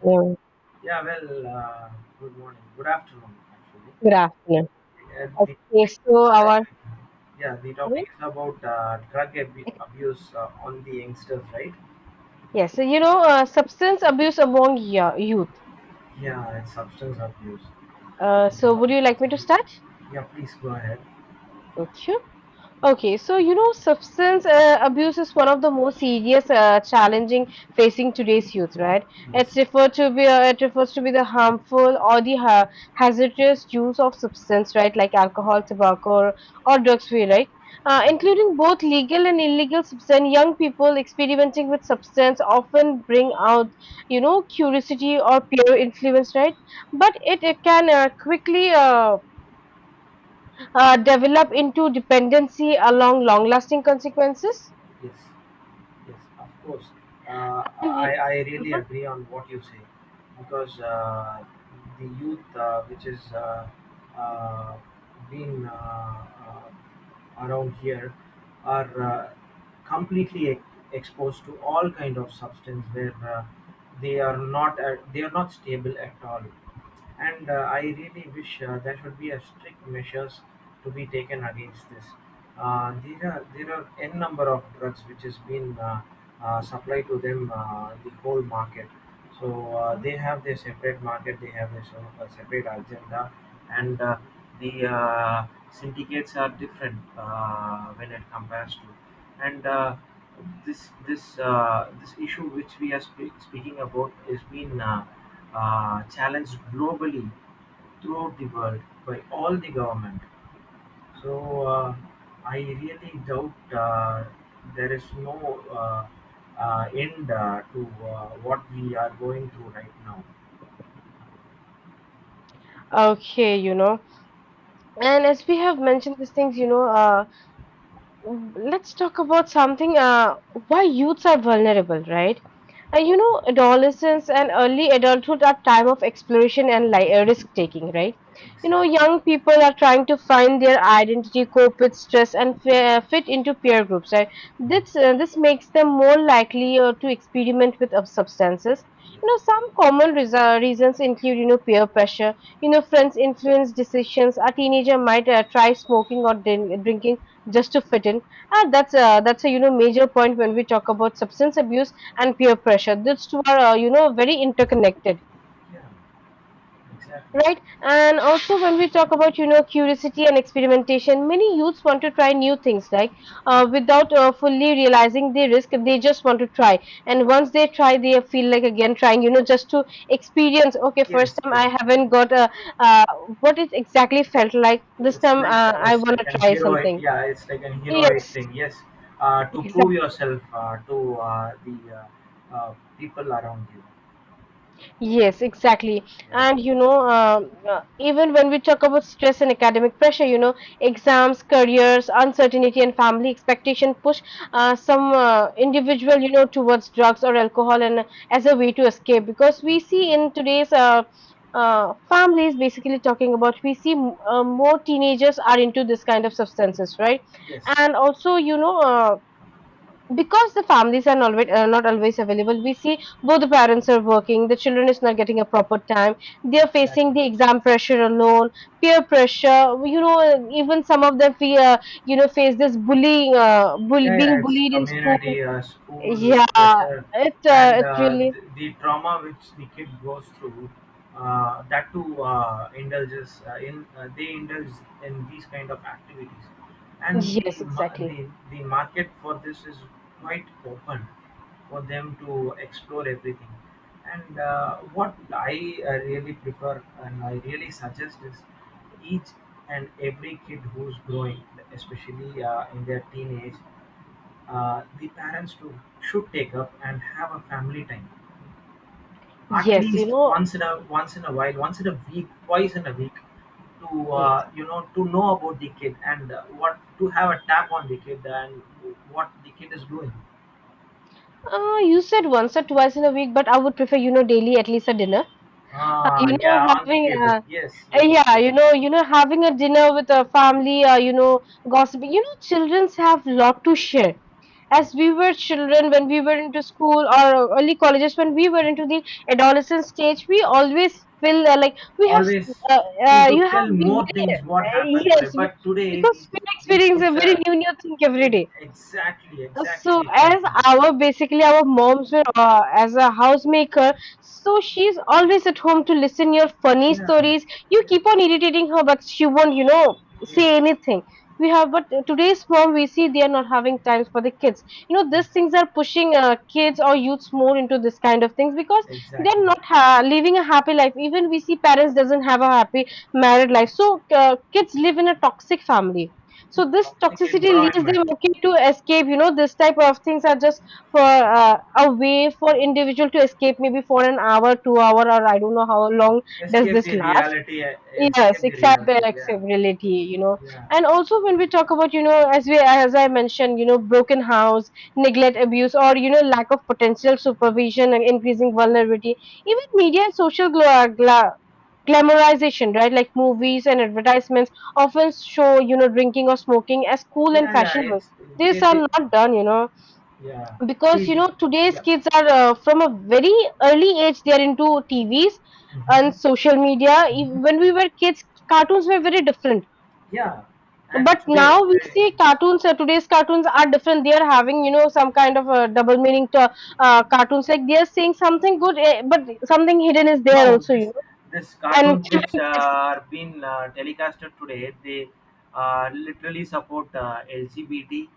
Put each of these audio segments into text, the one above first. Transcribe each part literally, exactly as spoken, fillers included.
Hello. Yeah, well, uh, good morning, good afternoon, actually. Good afternoon. Uh, the Okay, topic so is, our uh, yeah, the sorry? topic is about uh, drug ab- abuse uh, on the youngsters, right? Yes, so you know, uh, substance abuse among yo- youth. Yeah, it's substance abuse. Uh, so would you like me to start? Yeah, please go ahead. Okay. Okay, so you know, substance uh, abuse is one of the most serious, uh, challenging facing today's youth, right? Yes, It's referred to be uh, it refers to be the harmful or the ha hazardous use of substance, right? Like alcohol, tobacco, or, or drugs, we right? Uh, yeah, including both legal and illegal substance, young people experimenting with substance often bring out, you know, curiosity or peer influence, right? But it, it can uh, quickly uh, uh, develop into dependency along long lasting consequences. yes. Yes, of course. Uh, And I, we- I really Mhm. agree on what you say because uh, the youth, uh, which is uh, uh, been uh, uh, around here, are uh, completely e- exposed to all kind of substance where uh, they are not at, they are not stable at all. And uh, I really wish uh, there should be a strict measures to be taken against this. Uh, there are there are n number of drugs which has been uh, uh, supplied to them uh, the whole market. So uh, they have their separate market, they have their sort of a separate agenda, and uh, the uh, syndicates are different uh, when it compares to. And uh, this this uh, this issue which we are spe- speaking about is been uh, uh, challenged globally throughout the world by all the government. So uh, I really doubt uh, there is no uh, uh, end uh, to uh, what we are going through right now. Okay, you know, and as we have mentioned these things, you know, uh, let's talk about something uh, why youths are vulnerable, right? Uh, you know, adolescence and early adulthood are time of exploration and li- uh, risk taking, right? You know, Exactly. young people are trying to find their identity, cope with stress, and fa- fit into peer groups, right? This uh, this makes them more likely uh, to experiment with uh, substances. You know, some Yes. common reas- reasons include, you know, peer pressure. You know, friends influence decisions. A teenager might uh, try smoking or din- drinking just to fit in, and that's uh, that's a, you know, major point. When we talk about substance abuse and peer pressure, these two are, uh, you know, very interconnected, Yeah. Exactly. right? And also when we talk about, you know, curiosity and experimentation, many youths want to try new things, like uh, without uh, fully realizing the risk. They just want to try, and once they try, they feel like again trying, you know, just to experience. Okay, first Yes. time Yes. I haven't Yes. got a, uh, what it exactly felt like. This It's time like uh, uh, I it's want like to an try heroic. something. Yeah. It's like an heroic Yes, thing. Yes. Uh, to prove exactly. yourself uh, to uh, the uh, uh, people around you. Yes, exactly. Yeah. And you know, um, uh, even when we talk about stress and academic pressure, you know, exams, careers, uncertainty, and family expectation push uh, some uh, individual, you know, towards drugs or alcohol and as a way to escape. Because we see in today's uh, uh, families, basically talking about, we see m- uh, more teenagers are into this kind of substances, right? Yes. And also, you know. Uh, because the families are not, uh, not always available, we see both the parents are working, the children is not getting a proper time, they are facing Exactly. the exam pressure alone, peer pressure, you know. Even some of them feel, uh, you know, face this bullying, uh, bull- Yeah, yeah, being it's bullied in school. community, uh, school, Yeah, yeah, sure. It uh, and it uh, really. the, the trauma which the kid goes through, uh, that too uh, indulges uh, in uh, they indulge in these kind of activities. And Yes, the, ma- exactly. the the market for this is quite open for them to explore everything. And uh, what i uh, really prefer and I really suggest is each and every kid who's growing, especially uh, in their teenage, uh, the parents to should take up and have a family time at Yes, you least know. once in a once in a while, once in a week, twice in a week, to Yes, uh, you know, to know about the kid, and uh, what, to have a tap on the kid and what the kid is doing. uh, you said once or twice in a week, but I would prefer, you know, daily, at least a dinner. Uh, ah, you know yeah, on the having a table, yes, uh, yes, Yeah, yes, you know, you know, having a dinner with a family, uh, you know, gossiping, you know, childrens have lot to share. As yes. we were children, when we were into school or early colleges, when we were into the adolescent stage, we always feel uh, like we have s- Always uh, feel uh, to you tell have been more very, things what uh, happened today, yes we, but today because these, we experience these experiencing kids a are very new new thing every e- day. exactly, exactly So the same as point. our, basically, our moms were uh, as a housemaker, so she's always at home to listen your funny Yeah. stories. You Yes, keep on irritating her, but she won't, you know, yes. say anything. We have, but today's mom, we see they are not having times for the kids. You know, these Yes, things are pushing uh, kids or youths more into this kind of things, because exactly. they're not ha- living a happy life. Even we see parents doesn't have a happy married life, so uh, kids live in a toxic family, Yeah, so this toxic toxicity leaves environment. them okay to escape. You know, this type of things are just for uh, a way for individual to escape, maybe for an hour, two hour, or I don't know how long does Escape this the last. reality. uh, Yes, Escape the except reality. Yeah, acceptability, you know. yeah, And also when we talk about, you know, as we, as I mentioned, you know, broken house, neglect, abuse, or, you know, lack of potential supervision and increasing vulnerability. Even media and social gla- gla- glamorization, right? Like movies and advertisements often show, you know, drinking or smoking as cool and yeah, yeah. fashionable. It's, they, These are they not done, you know, yeah. See because, you the, know, today's yeah. kids are, uh, from a very early age, they are into T Vs Hmm. and social media. Ev- hmm. When we were kids, cartoons were very different. Yeah, and But today now we today see it's, cartoons. Uh, today's cartoons are different. They are having, you know, some kind of a double meaning to uh, cartoons. Like, they are saying something good, eh, but something hidden is no, there also, this you know. this And cartoons which children uh, are being uh, telecasted today, they uh, literally support uh, L G B T,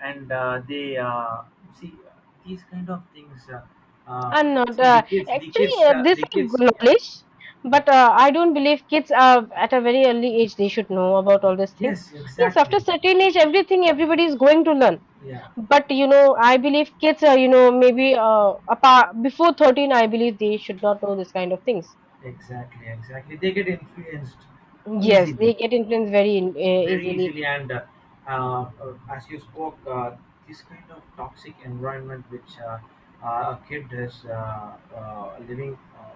and uh, they uh, see these kind of things. Uh, uh, I'm not. See Uh, the kids, the actually, kids, uh, uh, this the I kids. Yeah, knowledge, yeah. but uh, I don't believe kids are at a very early age they should know about all these things. Yes, Yes, after exactly. certain age, everything everybody is going to learn. Yeah, But, you know, I believe kids are, you know, maybe uh, apart, before thirteen, I believe they should not know this kind of things. exactly, exactly. They get influenced Yes, easily. they get influenced very in, uh, Very easily. easily. And uh, uh, as you spoke, uh, this kind of toxic environment which uh, uh, a kid is uh, uh, living, uh,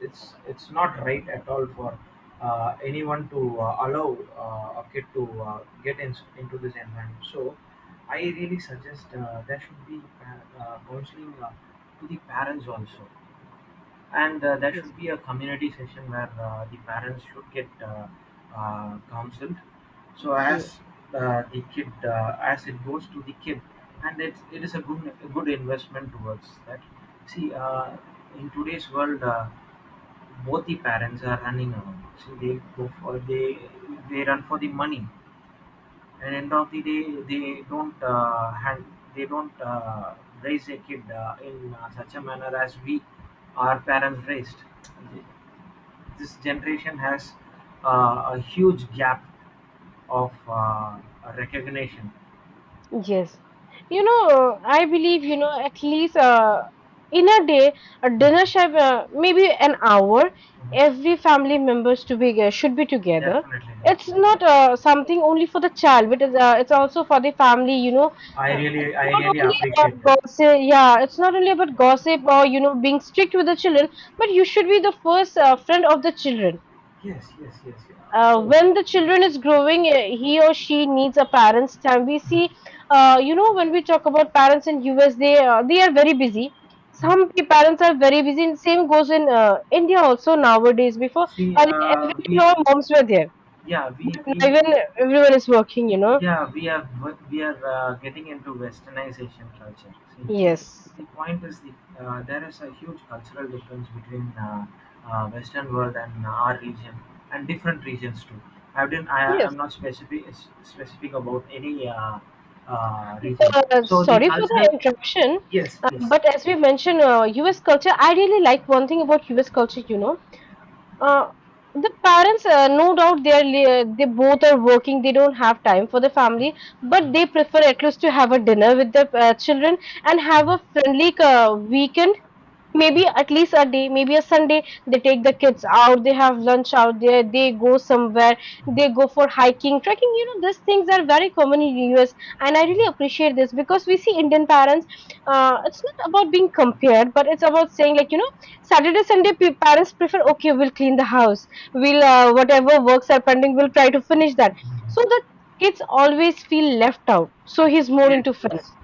it's it's not right at all for uh, anyone to uh, allow uh, a kid to uh, get in, into this environment. So I really suggest uh, there should be pa- uh, counseling uh, to the parents also, and uh, there Yes. should be a community session where uh, the parents should get uh, uh, counseled. So as uh, the kid, uh, as it goes to the kid, and it, it is a good a good investment towards that. See, uh, in today's world, uh, both the parents are running around. See, they go for they they run for the money, and end of the day, they don't uh, hand, they don't uh, raise a kid uh, in uh, such a manner as we, our parents raised. This generation has uh, a huge gap of uh, recognition. Yes. You know, I believe, you know, at least, uh, in a day, a dinner should, Mm-hmm. uh, maybe an hour, every family members to be, uh, should be together. Definitely, definitely. It's not Yes, uh, yes. something only for the child, but it's, uh, it's also for the family, you know. I Uh, really, it's I not really only appreciate about that. gossip, yeah, it's not only about gossip or, you know, being strict with the children, but you should be the first uh, friend of the children, Yes, yes, yes, yeah, of uh, course. when the children is growing, uh, he or she needs a parent's time. We see, uh, you know, when we talk about parents in US, they uh, they are very busy. some Mhm. pe- parents are very busy, and same goes in uh, India also nowadays. Before, See, earlier, uh, every, you we, know, moms were there. yeah, we, we, Now we, even everyone is working, you know. yeah, we are, we are uh, getting into westernization culture. See, Yes, The point is the uh, there is a huge cultural difference between uh, uh, Western world and our region, and different regions too. I didn't. I yes, am not specific specific about any uh, uh, region. uh, So the sorry for the cultural. interruption, Yes, uh, please. but as we mentioned, uh, US culture, I really like one thing about US culture, you know. Uh, the parents, uh, no doubt, they are li- uh, they both are working. They don't have time for the family, but they prefer at least to have a dinner with their uh, children and have a friendly uh, weekend, maybe at least a day, maybe a Sunday. They take the kids out, they have lunch out there, they go somewhere, they go for hiking, trekking. You know, these things are very common in US, and I really appreciate this, because we see Indian parents, uh, it's not about being compared, but it's about saying, like, you know, Saturday Sunday, pe- parents prefer, okay, we'll clean the house, we'll, uh, whatever works are pending, we'll try to finish that, so the kids always feel left out, so he's more Yes, into yes. friends.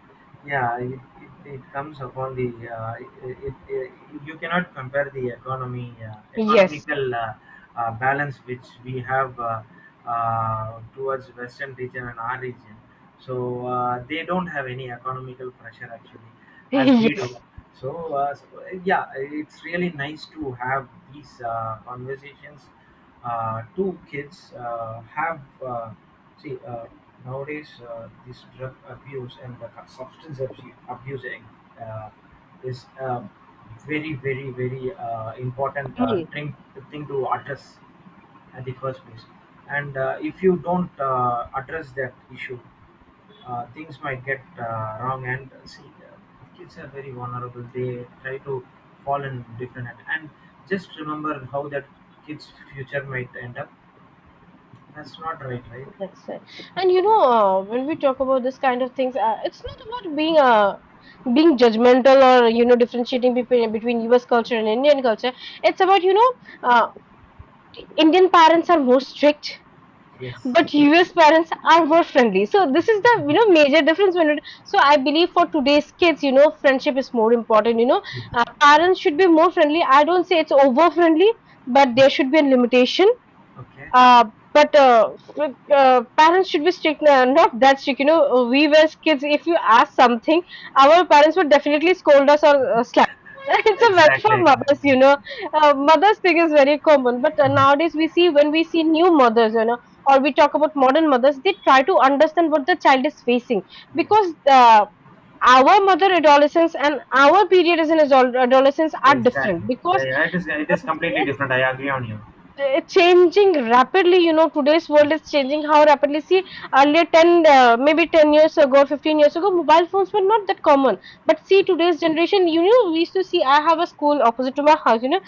Yeah, it, it, it comes upon the, uh, it, it, it, you cannot compare the economy uh, Yes. economical uh, uh, balance which we have uh, uh, towards Western region and our region. So uh, they don't have any economical pressure actually, as we Yes, do. So, uh, so, uh, yeah, it's really nice to have these uh, conversations uh, two kids uh, have uh, see uh, nowadays uh, this drug abuse and the substance abuse abusing uh, is um very very very uh, important uh, common. thing thing to address at the first place. And uh, if you don't uh, address that issue, uh, things might get uh, wrong. And uh, see, uh, kids are very vulnerable, they try to fall in different, and, and just remember how that kids future might end up. That's not right, right? That's right. And, you know, uh, when we talk about this kind of things, uh, it's not about being uh, being judgmental, or, you know, differentiating between between U S culture and Indian culture. It's about, you know, uh, Indian parents are more strict, Yes, but U S parents are more friendly. So this is the, you know, major difference when it. So I believe for today's kids, you know, friendship is more important. You know, uh, yes, parents should be more friendly. I don't say it's over friendly, but there should be a limitation, okay. uh, but uh, with, uh, parents should be strict, uh, not that strict. You know, uh, we were as kids, if you ask something, our parents would definitely scold us or uh, slap. It's a very Exactly, for exactly, mothers, you exactly. know. Uh, mothers thing is very common, but uh, nowadays we see, when we see new mothers, you know, or we talk about modern mothers, they try to understand what the child is facing, because Yes. uh, our mother adolescence and our period as an adol- adolescence are different, Exactly. Yeah, because yeah. It is. It is uh, completely different. I agree on you. uh, changing rapidly, you know, today's world is changing how rapidly. See, earlier ten, uh, maybe ten years ago, fifteen years ago, mobile phones were not that common. But see today's generation, you know, we used to see, I have a school opposite to my house, you know,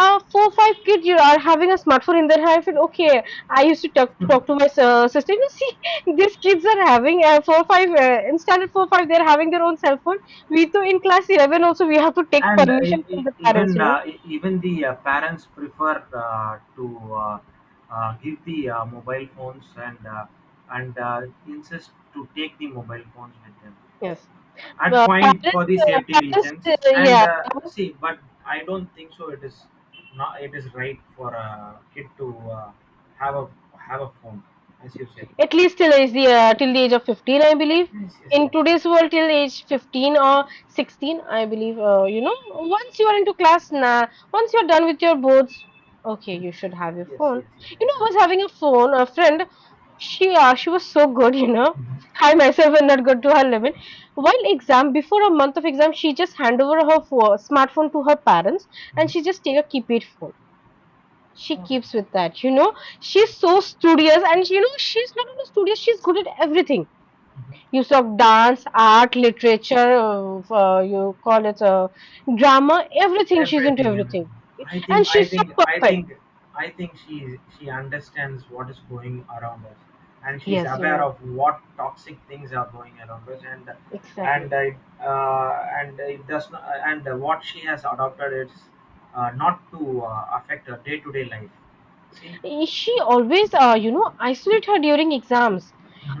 uh, four five kids you are having a smartphone in their hand. I feel, okay, I used to talk, to talk to my uh, sister. You see, these kids are having, uh, four five, uh, in standard four five, they're having their own cell phone. We too in class eleven also we have to take And uh, e- permission from e- the parents, even you know. uh, e- even the uh, parents prefer uh, to uh, uh, give the uh, mobile phones, and uh, and uh, insist to take the mobile phones with them Yes. at Uh, point for parents, the uh, safety parents, reasons. Uh, and yeah, uh, see, but I don't think so it is not it is right for a kid to uh, have a have a phone, as you said. at least till is the, uh, till the age of fifteen, I believe. Yes, yes, In yes. Yes, today's world, till age fifteen or sixteen, I believe. Uh, you know, once you are into class, na, once you're done with your boards, okay, you should have your yes, phone. yes, yes, You know, I exactly. was having a phone, a friend. She, uh, she was so good, you know. Mm-hmm. I myself am not good to her level. While exam, before a month of exam, she just hand over her pho- smartphone to her parents, and she just take a keypad phone, she Oh. keeps with that, you know. She's so studious, and, you know, she's not only studious, she's good at everything. Mhm. Use of dance, art, literature, uh, uh, you call it, uh, drama, everything, she's into Everything, everything. everything. i And think i she's so think i perfect. think I think she she understands what is going around us, and she's Yes, you aware know, of what toxic things are going around us. and and exactly. I, uh, and it does not, and what she has adopted is uh, not to uh, affect her day-to-day life. See. She always, uh, you know, isolate her during exams,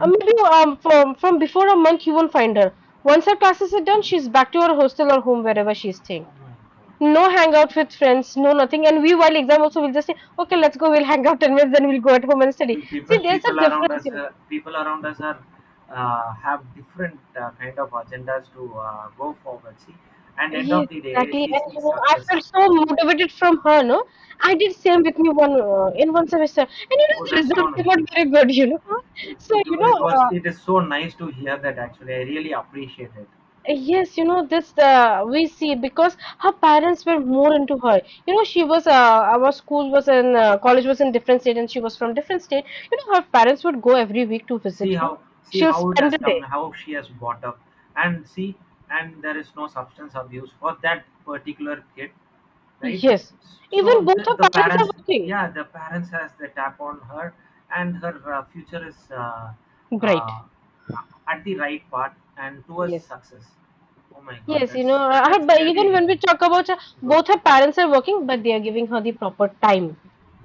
uh, maybe um, from from before a month you won't find her. Once her classes are done, she's back to her hostel or home, wherever she's staying. Oh my God. No hangout with friends, no nothing. And we, while exam also, we'll just say, okay, let's go, we'll hang out ten minutes, then we'll go at home and study. We See, People, there's a people around difference, us you know. uh, people around us are uh, have different uh, kind of agendas to uh, go forward. See, and end of Yes, the day, exactly. she And, you seeks know, I success. felt so motivated from her, no? I did same with me one, uh, in one semester. And, you know, Oh, the that's result so nice. came out very good, you know. it, So, it, you know, it was, uh, it is so nice to hear that, actually. I really appreciate it. yes, you know, this uh, we see because her parents were more into her. You know, she was, uh, our school was in, uh, college was in different state, and she was from different state. You know, her parents would go every week to See visit her. how, see She'll how it spend has a come, day. how she has brought up. And see, and there is no substance abuse for that particular kid, right? Yes, even So the, both her the parents are parents, working. yeah, the parents has the tap on her, and her uh, future is uh, Right. uh, at the right path and towards Yes. success. Oh my God, Yes, you know, that's uh, her, that's but even really when we talk about her, good. both her parents are working, but they are giving her the proper time.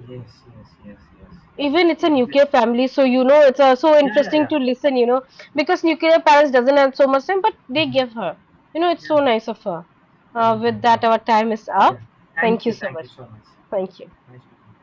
Yes, yes, yes, yes, Even it's a yes. Yes, nuclear family, so, you know, it's uh, so yeah, yeah, interesting yeah. to listen, you know, because nuclear parents doesn't have so much time but they Mhm. give her, you know, it's so Yeah. nice of her. Oh Uh, my with that, God. our time is Yeah. up. Thank thank you you, so thank you much. so much. Thank you. Nice speaking.